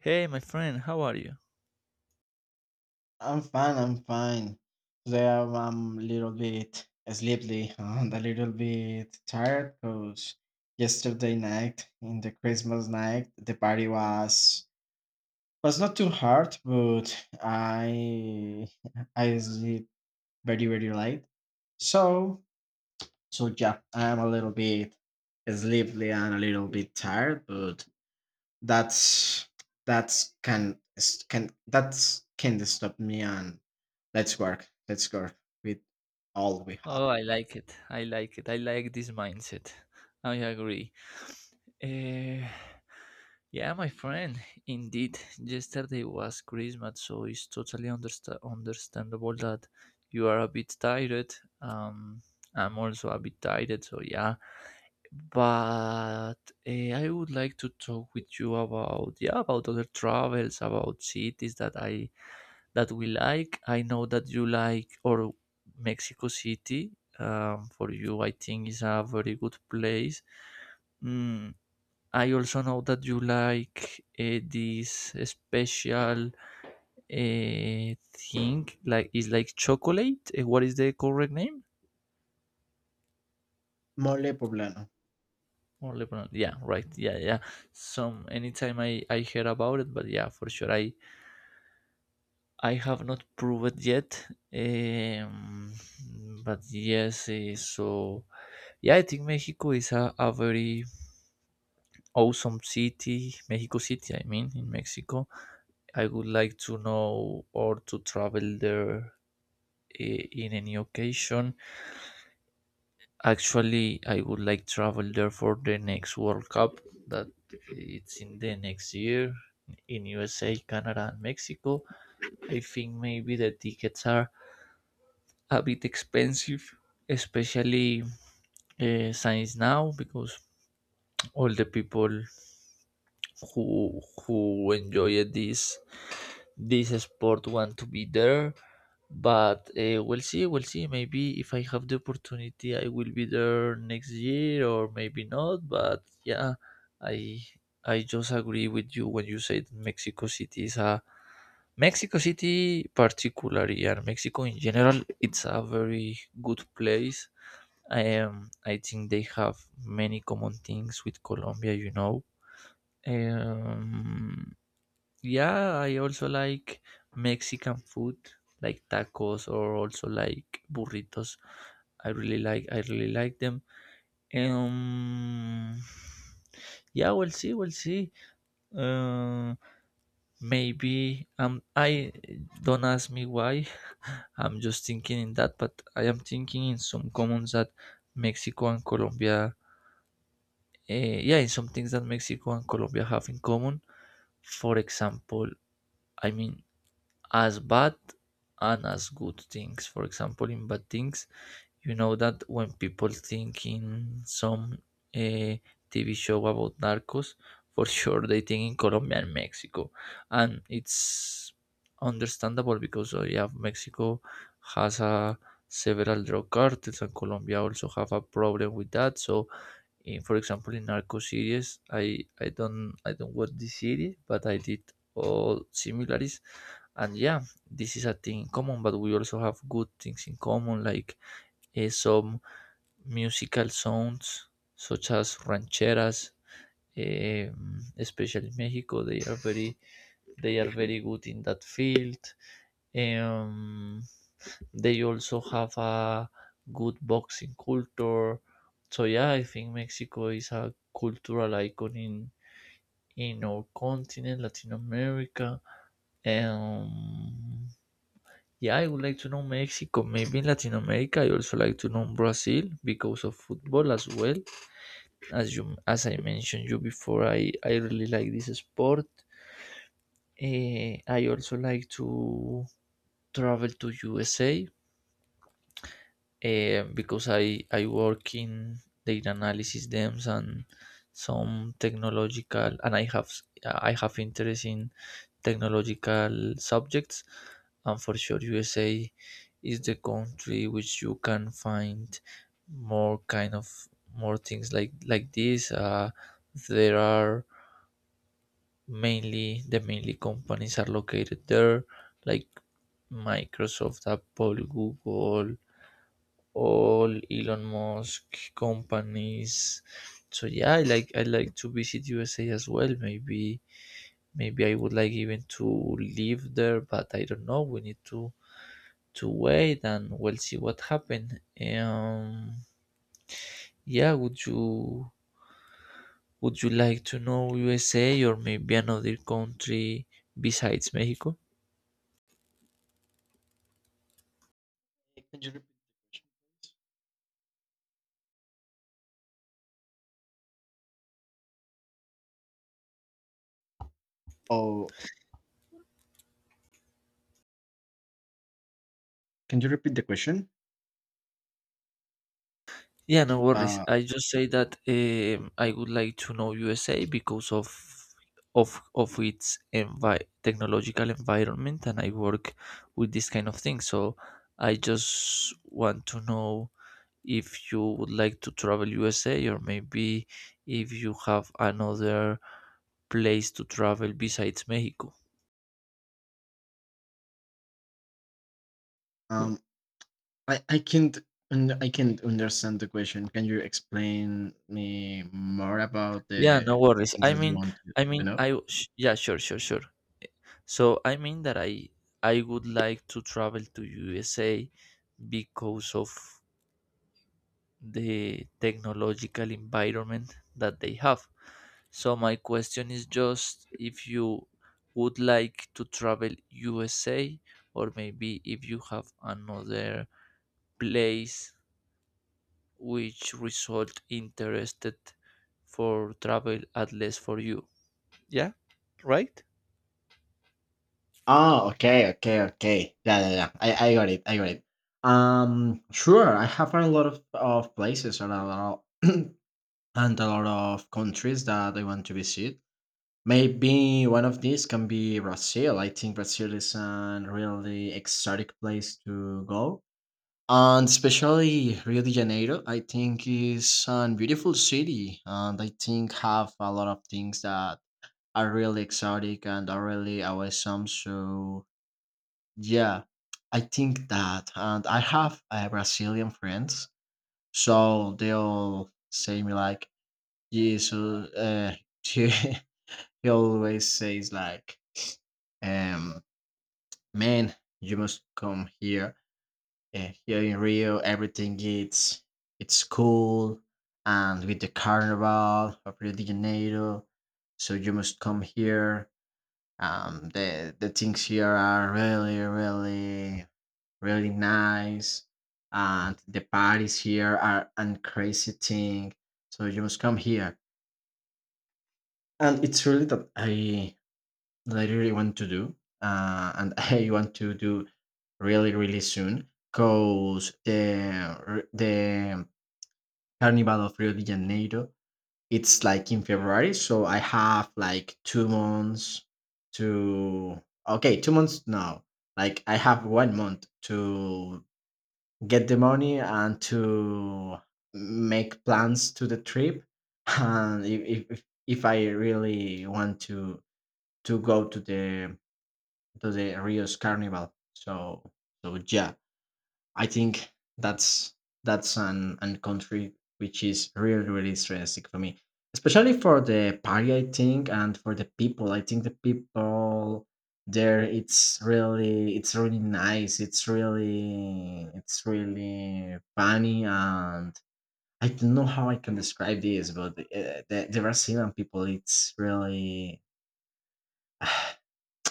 Hey, my friend, how are you? I'm fine. I'm fine. Today I'm a little bit sleepy and a little bit tired because yesterday night in the Christmas night the party was not too hard, but I I sleep very late. So so yeah, I'm a little bit sleepy and a little bit tired, but that's that's can that's can stop me and let's work with all we have. Oh, I like it. I like it. I like this mindset. I agree. Eh, yeah, my friend. Indeed, yesterday was Christmas, so it's totally understandable that you are a bit tired. Um, I'm also a bit tired, so yeah. But I would like to talk with you about yeah about other travels, about cities that I that we like. I know that you like or Mexico City. For you, I think is a very good place. Mm, I also know that you like this special uh, thing, like it's like chocolate. What is the correct name? Mole poblano. Or Lebanon? Yeah, right. Yeah, yeah. Some anytime I hear about it, but yeah, for sure I have not proved yet, um, but yes. So yeah, I think Mexico is a very awesome city. Mexico City, I mean, in Mexico. I would like to know or to travel there in any occasion. Actually, I would like travel there for the next World Cup that it's in the next year in USA, Canada, and Mexico. I think maybe the tickets are a bit expensive, especially science now, because all the people who enjoy this sport want to be there. But we'll see, we'll see. Maybe if I have the opportunity, I will be there next year, or maybe not. But yeah, I I just agree with you when you said Mexico City, particularly, and Mexico in general, it's a very good place. I think they have many common things with Colombia, you know. Um, yeah, I also like Mexican food, like tacos or also like burritos. I really like them. Um, yeah, we'll see, we'll see. Uh, maybe I don't ask me why. I'm just thinking in that, but I am thinking in some commons that Mexico and Colombia yeah, and some things that Mexico and Colombia have in common. For example, I mean, as bad and as good things. For example, in bad things, you know that when people think in some uh, TV show about narcos, for sure they think in Colombia and Mexico. And it's understandable because, yeah, Mexico has a several drug cartels and Colombia also have a problem with that. So in for example in narco series I don't I don't watch this series but I did all similarities, and yeah, this is a thing in common, but we also have good things in common like some musical sounds such as rancheras, especially in Mexico. They are very they are very good in that field. um, they also have a good boxing culture. So yeah, I think Mexico is a cultural icon in our continent, Latin America. Um, yeah, I would like to know Mexico. Maybe in Latin America, I also like to know Brazil because of football as well. As you, as I mentioned you before, I really like this sport. I also like to travel to USA because I work in data analysis DEMS and some technological and I have interest in technological subjects, and for sure USA is the country which you can find more kind of more things like this. There are mainly companies are located there like Microsoft, Apple, Google, all Elon Musk companies. So yeah, I like to visit USA as well. Maybe I would like even to live there, but I don't know. We need to wait and we'll see what happens. Um, yeah, would you like to know USA or maybe another country besides Mexico? Can you repeat the question? Oh, can you repeat the question? Yeah, no worries. uh I just say that I would like to know USA because of of its technological environment, and I work with this kind of thing. So I just want to know if you would like to travel USA, or maybe if you have another place to travel besides Mexico. Hmm. um i i can't I can't understand the question. Can you explain me more about the Yeah, no worries. things that you want to know? Yeah, sure, sure, sure. So I mean that I would like to travel to USA because of the technological environment that they have. So my question is just if you would like to travel USA or maybe if you have another place which result interested for travel at least for you. Yeah, right? Oh, okay, okay, okay. Yeah, yeah, yeah. I got it. I got it. Sure. I have a lot of places and a lot of, and a lot of countries that I want to visit. Maybe one of these can be Brazil. I think Brazil is a really exotic place to go. And especially Rio de Janeiro, I think is a beautiful city, and I think have a lot of things that are really exotic and are really awesome. So yeah, I think that, and I have Brazilian friends, so they all say me like Jesus. Uh, he, he always says like, um, man, you must come here. Here in Rio, everything it's cool, and with the carnival of Rio de Janeiro, so you must come here. The things here are really really nice. And the parties here are and crazy thing. So you must come here. And it's really that I really want to do. And I want to do really, really soon. Cause the Carnival of Rio de Janeiro, it's like in February, so I have like two months to okay, two months now. Like I have one month to get the money and to make plans to the trip and if I really want to go to the Rio's carnival. So yeah, I think that's that's an country which is really stressing for me, especially for the party I think and for the people. I think the people there it's really nice. It's really funny, and I don't know how I can describe this, but the Brazilian people it's really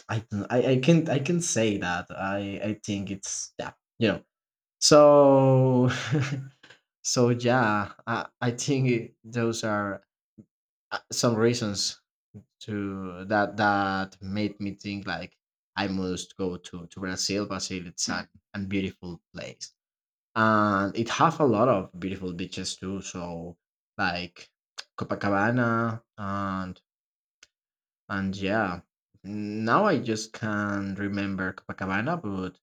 I, don't- I can say that I think it's yeah, you know. So so yeah, I think those are some reasons to that that made me think like I must go to Brazil. Brazil it's a beautiful place, and it have a lot of beautiful beaches too. So like Copacabana and yeah, now I just can't remember Copacabana, but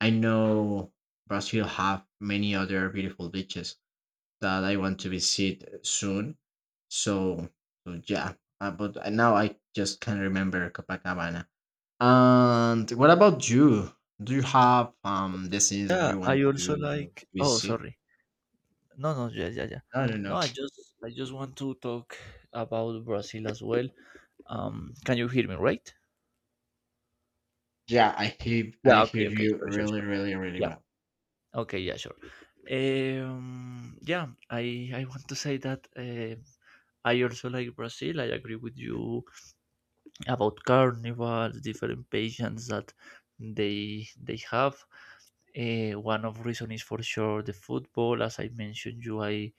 I know Brazil have many other beautiful beaches that I want to visit soon. So, so yeah, now I just can't remember Copacabana. And what about you? Do you have destinies that Yeah, you I want also to like. Oh, visit? sorry. No, no, yeah, yeah, yeah. No, no, No, no. I just want to talk about Brazil as well. Can you hear me, right? Yeah, I hear Yeah. Okay. Okay. you Sure. Sure. really, Sure. really, really Yeah. well. Okay. Yeah. Sure. Yeah. I want to say that I also like Brazil. I agree with you about carnivals, different patients that they have. One of reason is for sure the football. As I mentioned you, I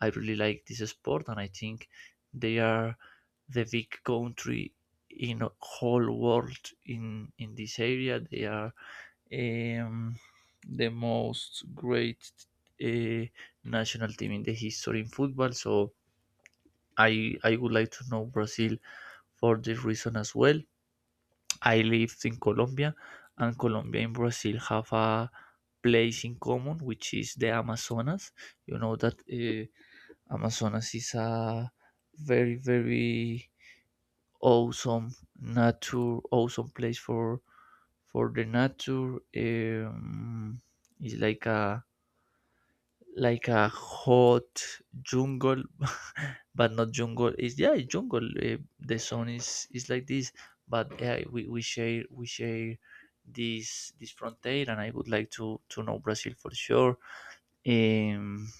I really like this sport, and I think they are the big country in a whole world in this area. They are um, the most great uh, national team in the history in football. So I would like to know Brazil for this reason as well. I lived in Colombia, and Colombia and Brazil have a place in common, which is the Amazonas. You know that Amazonas is a very, very awesome nature, awesome place for the nature. Um, it's like a hot jungle but not jungle it's yeah it's jungle. The sun is like this, but yeah, we share this this frontier, and I would like to know Brazil for sure. um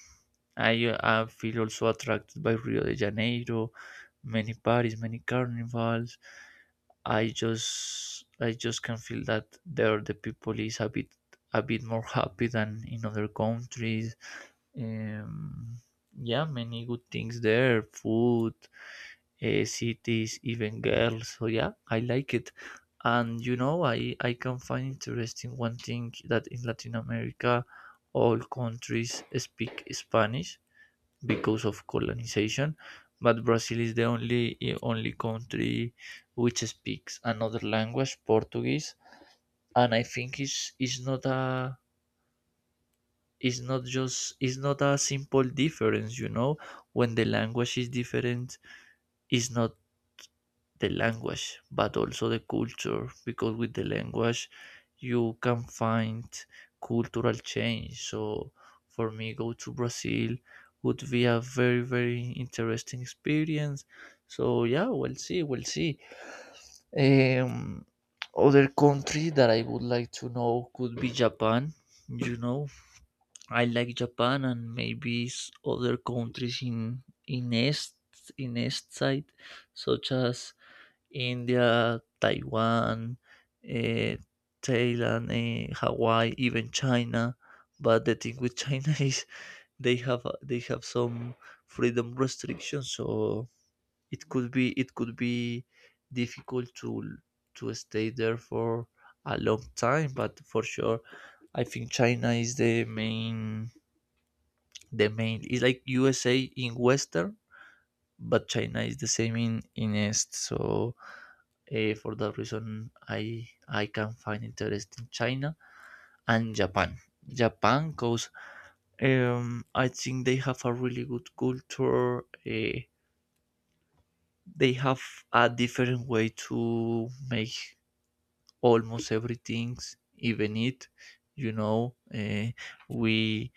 I feel also attracted by Rio de Janeiro, many parties, many carnivals. I just can feel that there the people is a bit more happy than in other countries. um, yeah, many good things there, food, cities, even girls. So yeah, I like it. And you know, I can find interesting one thing that in Latin America, all countries speak Spanish because of colonization, but Brazil is the only only country which speaks another language, Portuguese, and I think it's not just it's not a simple difference, you know. When the language is different, it's not the language but also the culture, because with the language you can find cultural change. So for me, go to Brazil would be a very very interesting experience. So yeah, we'll see, we'll see. um Other country that I would like to know could be Japan, you know. I like Japan, and maybe other countries in in east in east side, such as India, Taiwan, eh, Thailand, Hawaii, even China. But the thing with China is they have some freedom restrictions, so it could be difficult to stay there for a long time. But for sure, I think China is the main is like USA in western, but China is the same in east. So for that reason, I can find interest in China and Japan because I think they have a really good culture. They have a different way to make almost everything, even it, you know. We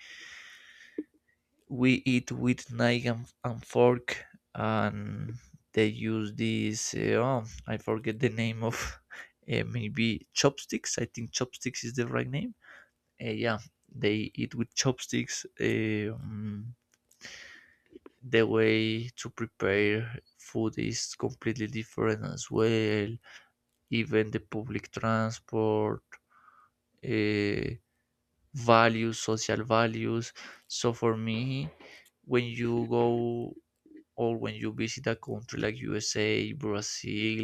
we eat with knife and fork, and they use this oh, I forget the name of maybe chopsticks. I think chopsticks is the right name. Yeah, they eat with chopsticks. The way to prepare food is completely different as well, even the public transport, uh, values, social values. So for me, when you go or when you visit a country like USA, Brazil,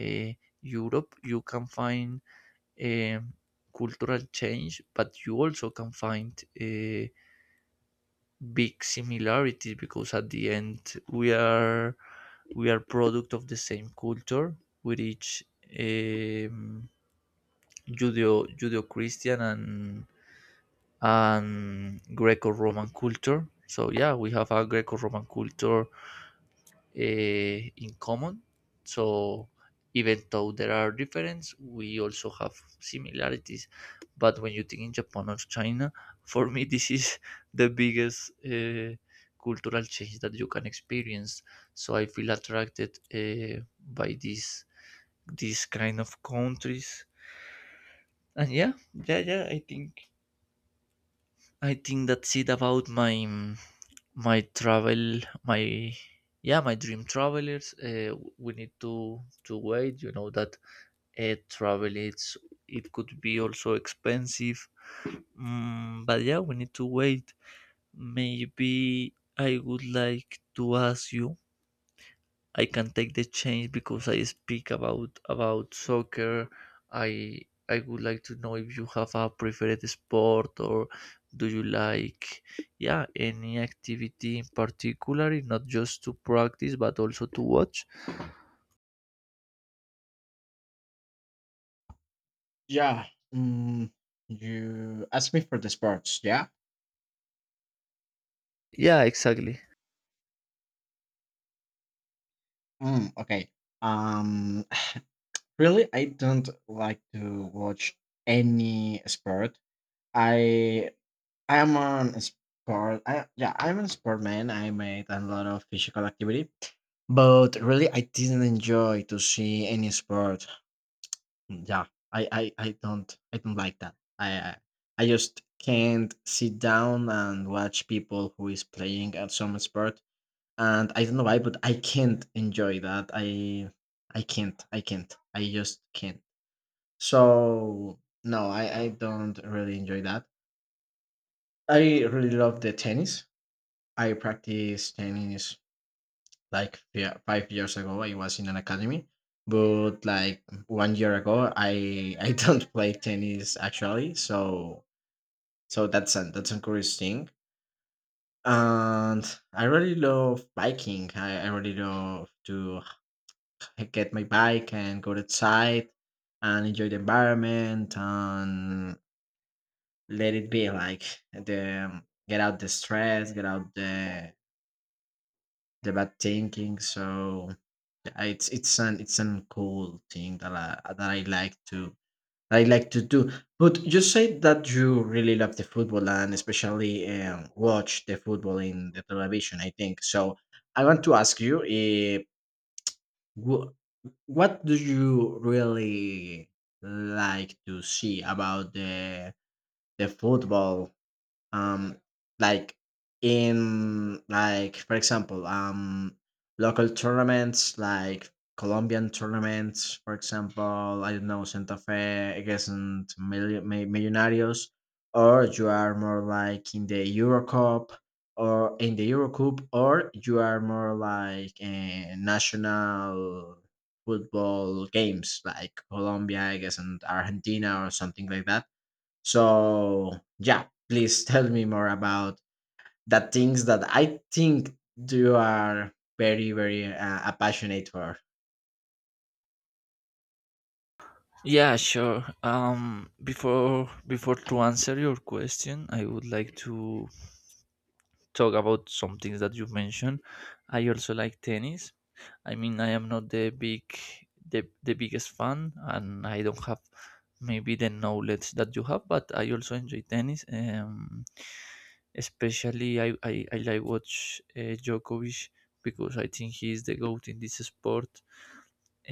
uh, Europe, you can find um, cultural change, but you also can find big similarities, because at the end we are product of the same culture with each um, Judeo Judeo Christian and Greco Roman culture. So yeah, we have a Greco Roman culture in common. So even though there are differences, we also have similarities. But when you think in Japan or China, for me this is the biggest cultural change that you can experience. So I feel attracted by these kind of countries. And yeah, yeah, yeah. I think that's it about my my travel my yeah my dream travelers. We need to wait, you know that. Travel it's it could be also expensive. But yeah, we need to wait. Maybe I would like to ask you, I can take the change because I speak about soccer. I I would like to know if you have a preferred sport or do you like yeah any activity in particular, not just to practice but also to watch. Yeah. Mm, you asked me for the sports. Yeah. Yeah, exactly. Mm, okay. Um. Really, I don't like to watch any sport. I I'm on sport. I, yeah, I'm a sport man. I made a lot of physical activity, but really, I didn't enjoy to see any sport. Yeah, I don't, I don't like that. I just can't sit down and watch people who is playing at some sport, and I don't know why, but I can't enjoy that. I can't, I just can't. So no, I don't really enjoy that. I really love the tennis. I practice tennis like 5 years ago. I was in an academy, but like one year ago, I I don't play tennis actually. So that's a curious thing. And I really love biking. I really love to get my bike and go outside and enjoy the environment and let it be like the get out the stress, get out the bad thinking. So yeah, it's an cool thing that I like to do. But you said that you really love the football, and especially watch the football in the television. I think so. I want to ask you, wh- what do you really like to see about the football? Um like in like For example, local tournaments like Colombian tournaments, for example, I don't know, Santa Fe against Millonarios, or you are more like in the Eurocup, or you are more like national football games like Colombia I guess and Argentina or something like that. So yeah, please tell me more about the things that I think you are very, very passionate for. Yeah, sure. Before before to answer your question, I would like to talk about some things that you mentioned. I also like tennis. I mean, I am not the biggest fan, and I don't have maybe the knowledge that you have. But I also enjoy tennis. Especially I like watch Djokovic because I think he is the goat in this sport.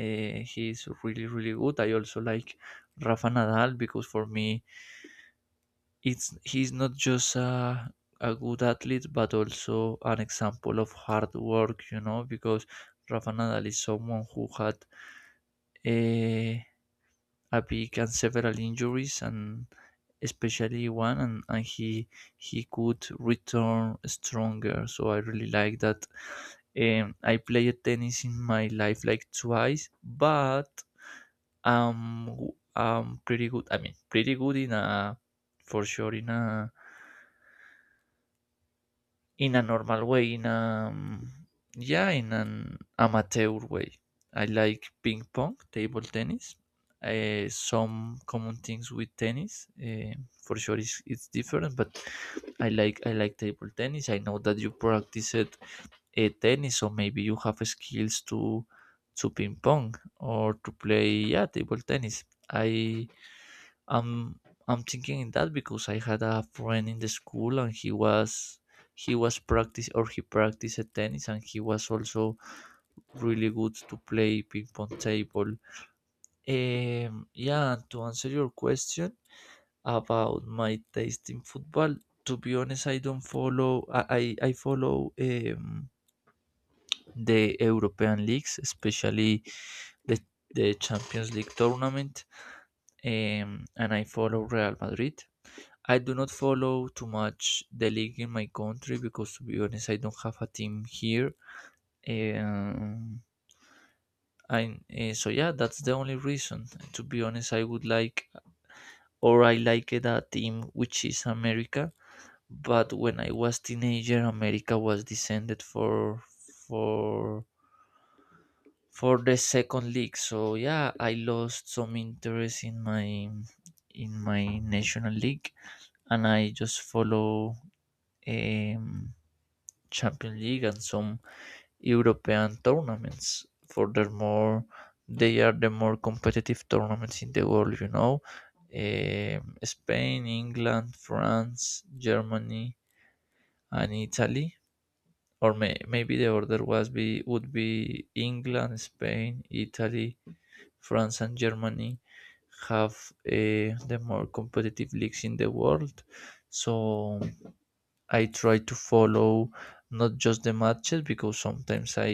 He is really really good. I also like Rafa Nadal because for me it's he's not just a good athlete but also an example of hard work because Rafa Nadal is someone who had a, a big and several injuries and especially one, and he could return stronger, so I really like that. I played tennis in my life like twice, but um I'm pretty good. I mean pretty good in a, for sure in a in a normal way, in a yeah, in an amateur way. I like ping pong, table tennis. Some common things with tennis. For sure, it's different, but I like table tennis. I know that you practice it, tennis, so maybe you have skills to ping pong or to play, yeah, table tennis. I I'm I'm thinking that because I had a friend in the school and he was practice or he practiced tennis and he was also really good to play ping pong table. Yeah, and to answer your question about my taste in football, to be honest, I don't follow. I follow the European leagues, especially the the Champions League tournament, and I follow Real Madrid. I do not follow too much the league in my country because, to be honest, I don't have a team here. Um, I so yeah, that's the only reason. To be honest, I would like or I like it a team which is America. But when I was teenager, America was descended for for for the second league. So yeah, I lost some interest in my, in my national league, and I just follow. Um, Champions League and some European tournaments. Furthermore, they are the more competitive tournaments in the world, you know. Spain, England, France, Germany, and Italy. Or maybe the order was be would be England, Spain, Italy, France, and Germany have the more competitive leagues in the world. So I try to follow not just the matches, because sometimes I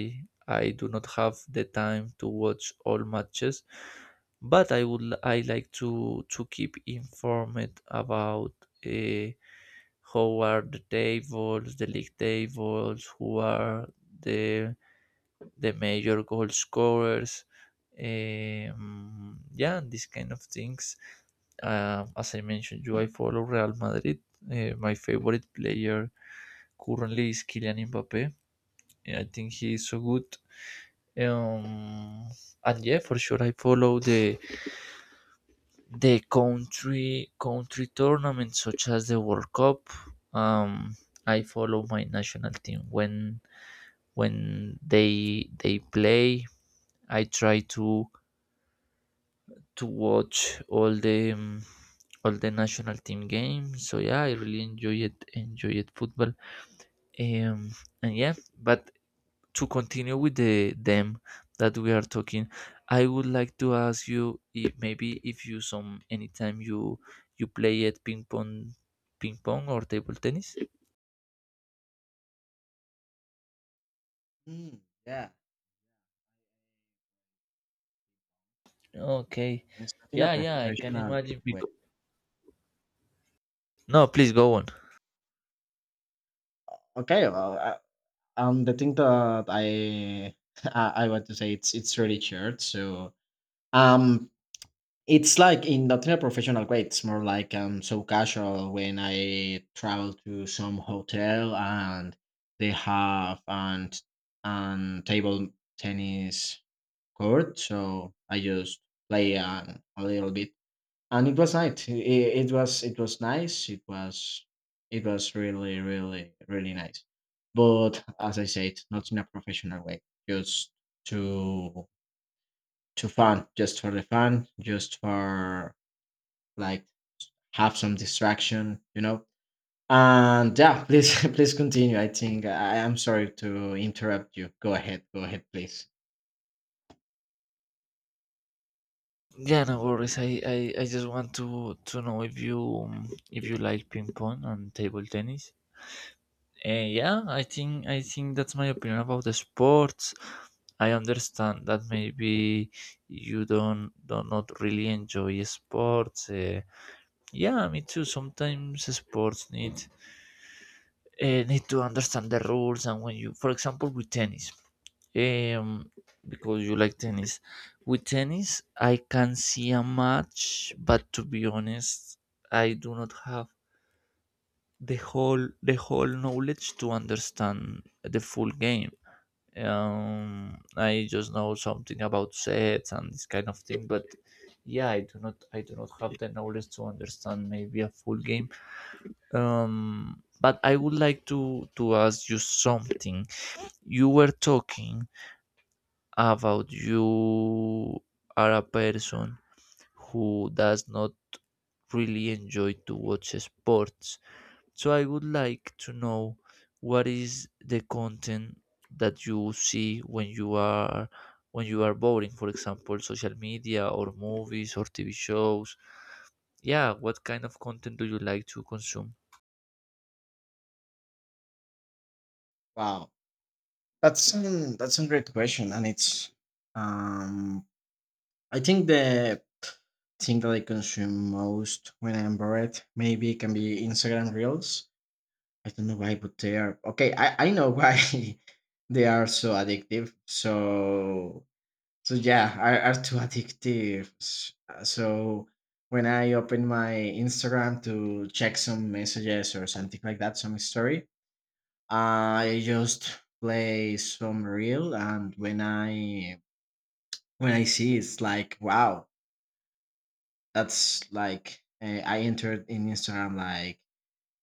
I do not have the time to watch all matches, but I like to keep informed about, uh, how are the tables, the league tables, who are the the major goal scorers, yeah, and these kind of things. As I mentioned you, I follow Real Madrid. My favorite player currently is Kylian Mbappe. I think he is so good. Um, and yeah, for sure, I follow the country tournaments such as the World Cup. Um, I follow my national team when, when they play. I try to watch all the, all the national team games. So yeah, I really enjoy it. Enjoy it football. Um, and yeah, but to continue with the them that we are talking, I would like to ask you if maybe if you some anytime you play at ping pong or table tennis. Mm, yeah. Okay, It's not in a yeah, yeah, I can professional imagine. way. Because... No, please go on. Okay, well, the thing that I I want to say it's really shared. So um, it's like in not in a professional way. It's more like so casual when I travel to some hotel and they have an table tennis court, so I just play a little bit, and it was nice. It was it was nice. It was really really nice. But as I said, not in a professional way, just to to fun, just for the fun, just for like have some distraction, you know. And yeah, please please continue. Am sorry to interrupt you. Go ahead, please. Yeah, no worries. I just want to know if you, if you like ping pong and table tennis. Yeah, I think that's my opinion about the sports. I understand that maybe you don't not really enjoy sports. Yeah, me too. Sometimes sports need, need to understand the rules, and when you, for example, with tennis, um, because you like tennis. With tennis, I can see a match, but to be honest, I do not have the whole knowledge to understand the full game. I just know something about sets and this kind of thing, but yeah, I do not have the knowledge to understand maybe a full game. But I would like to ask you something. You were talking about you are a person who does not really enjoy to watch sports. So I would like to know what is the content that you see when you are, when you are boring, for example, social media or movies or TV shows. Yeah, what kind of content do you like to consume? Wow, that's a great question, and it's um I think the thing that I consume most when I'm bored maybe can be Instagram Reels. I don't know why, but they are okay. I know why they are so addictive. So so yeah, are too addictive. So when I open my Instagram to check some messages or something like that, some story, I just play some reel, and when I see it's like wow, that's like I entered in Instagram like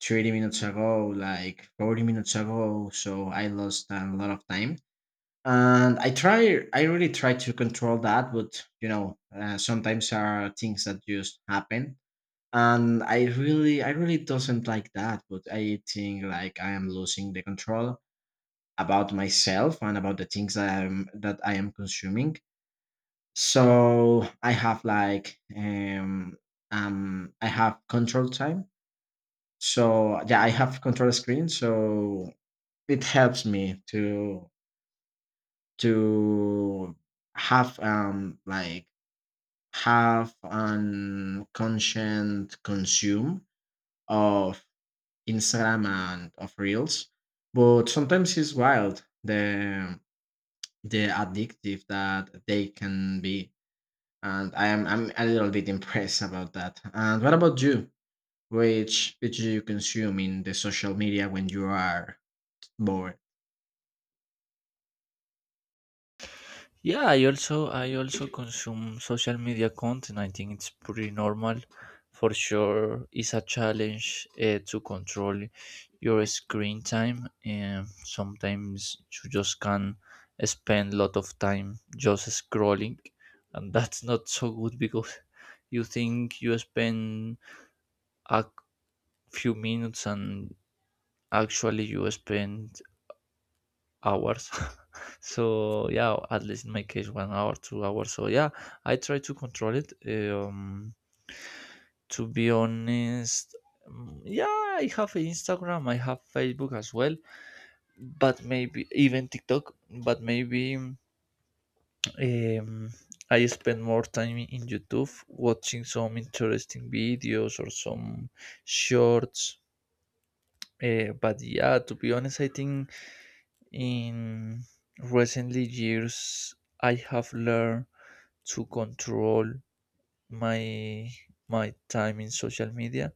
30 minutes ago, like 40 minutes ago. So I lost a lot of time, and I really try to control that, but sometimes there are things that just happen, and I really doesn't like that. But I think like I am losing the control about myself and about the things that I am consuming. So I have like I have control time. So yeah, I have control screen. So it helps me to to have like have an conscient consume of Instagram and of reels. But sometimes it's wild the addictive that they can be. And I'm a little bit impressed about that. And what about you? Which do you consume in the social media when you are bored? Yeah, I also consume social media content. I think it's pretty normal. For sure, it's a challenge, to control your screen time. And sometimes you just can spend a lot of time just scrolling, and that's not so good, because you think you spend a few minutes and actually you spend hours. So yeah, at least in my case, 1 hour, 2 hours. So yeah, I try to control it. To be honest, yeah, I have Instagram, I have Facebook as well, but maybe even TikTok. But maybe I spend more time in YouTube watching some interesting videos or some shorts. But yeah, to be honest, I think in recent years, I have learned to control my my time in social media,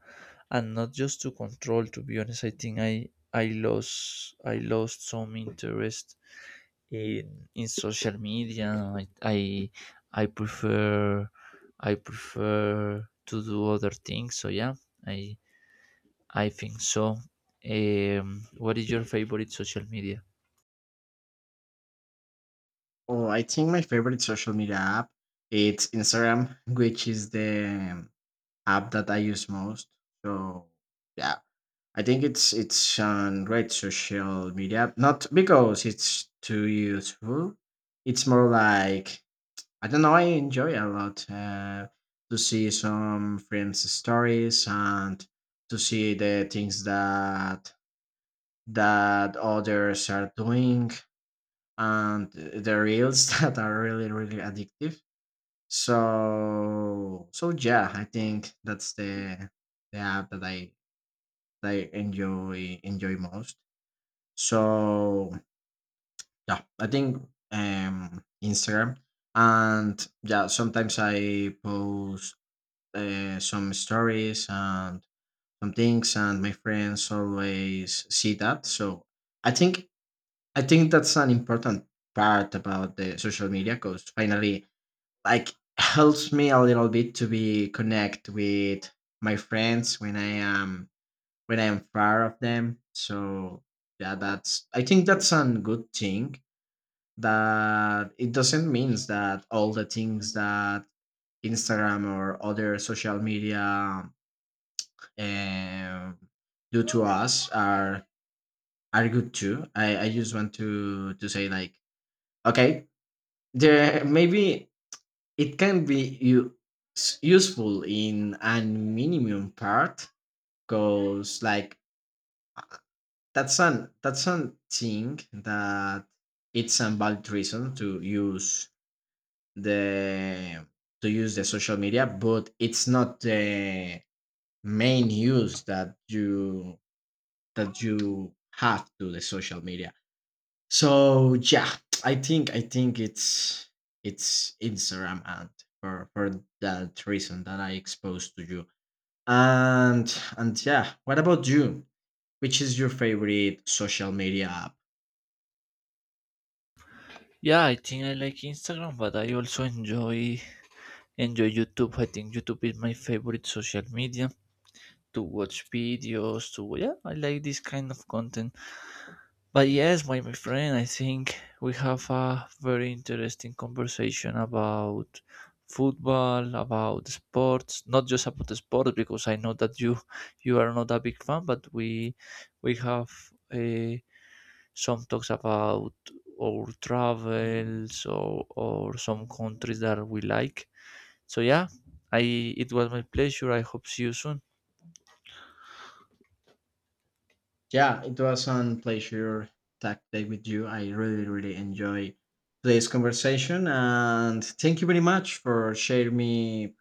and not just to control. To be honest, i think i lost, I lost some interest in, in social media, I prefer, to do other things. So yeah, i I think so. What is your favorite social media? Oh, I think my favorite social media app it's Instagram, which is the app that I use most. So yeah, I think it's a great social media. Not because it's too useful. It's more like I don't know. I enjoy a lot to see some friends' stories and to see the things that others are doing, and the reels that are really really addictive. So yeah, I think that's the app that I enjoy enjoy most. So yeah, I think Instagram. And yeah, sometimes I post some stories and some things, and my friends always see that. So I think I think that's an important part about the social media, because finally like helps me a little bit to be connect with my friends when I am far of them. So yeah, that's I think that's a good thing. That it doesn't means that all the things that Instagram or other social media um, do to us are good too. I just want to say like okay, there maybe it can be useful in an minimum part, because like that's an thing that it's a valid reason the to use the social media, but it's not the main use that you have to the social media. So yeah, I think it's Instagram, and for that reason that I exposed to you. And yeah, what about you? Which is your favorite social media app? Yeah, I think I like Instagram, but I also enjoy YouTube. I think YouTube is my favorite social media to watch videos. To Yeah, I like this kind of content. But yes, my friend, I think we have a very interesting conversation about football, about sports. Not just about the sports, because I know that you are not a big fan, but we have. Uh, some talks about our travels or some countries that we like. So yeah, I it was my pleasure, I hope see you soon. Yeah, it was a pleasure tag day with you. I really really enjoy today's conversation, and thank you very much for sharing me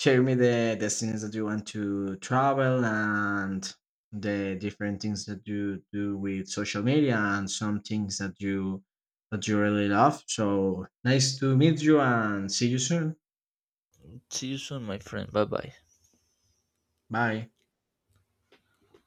share me the destinies that you want to travel and the different things that you do with social media and some things that you really love. So nice to meet you and see you soon. See you soon, my friend, bye bye. Bye.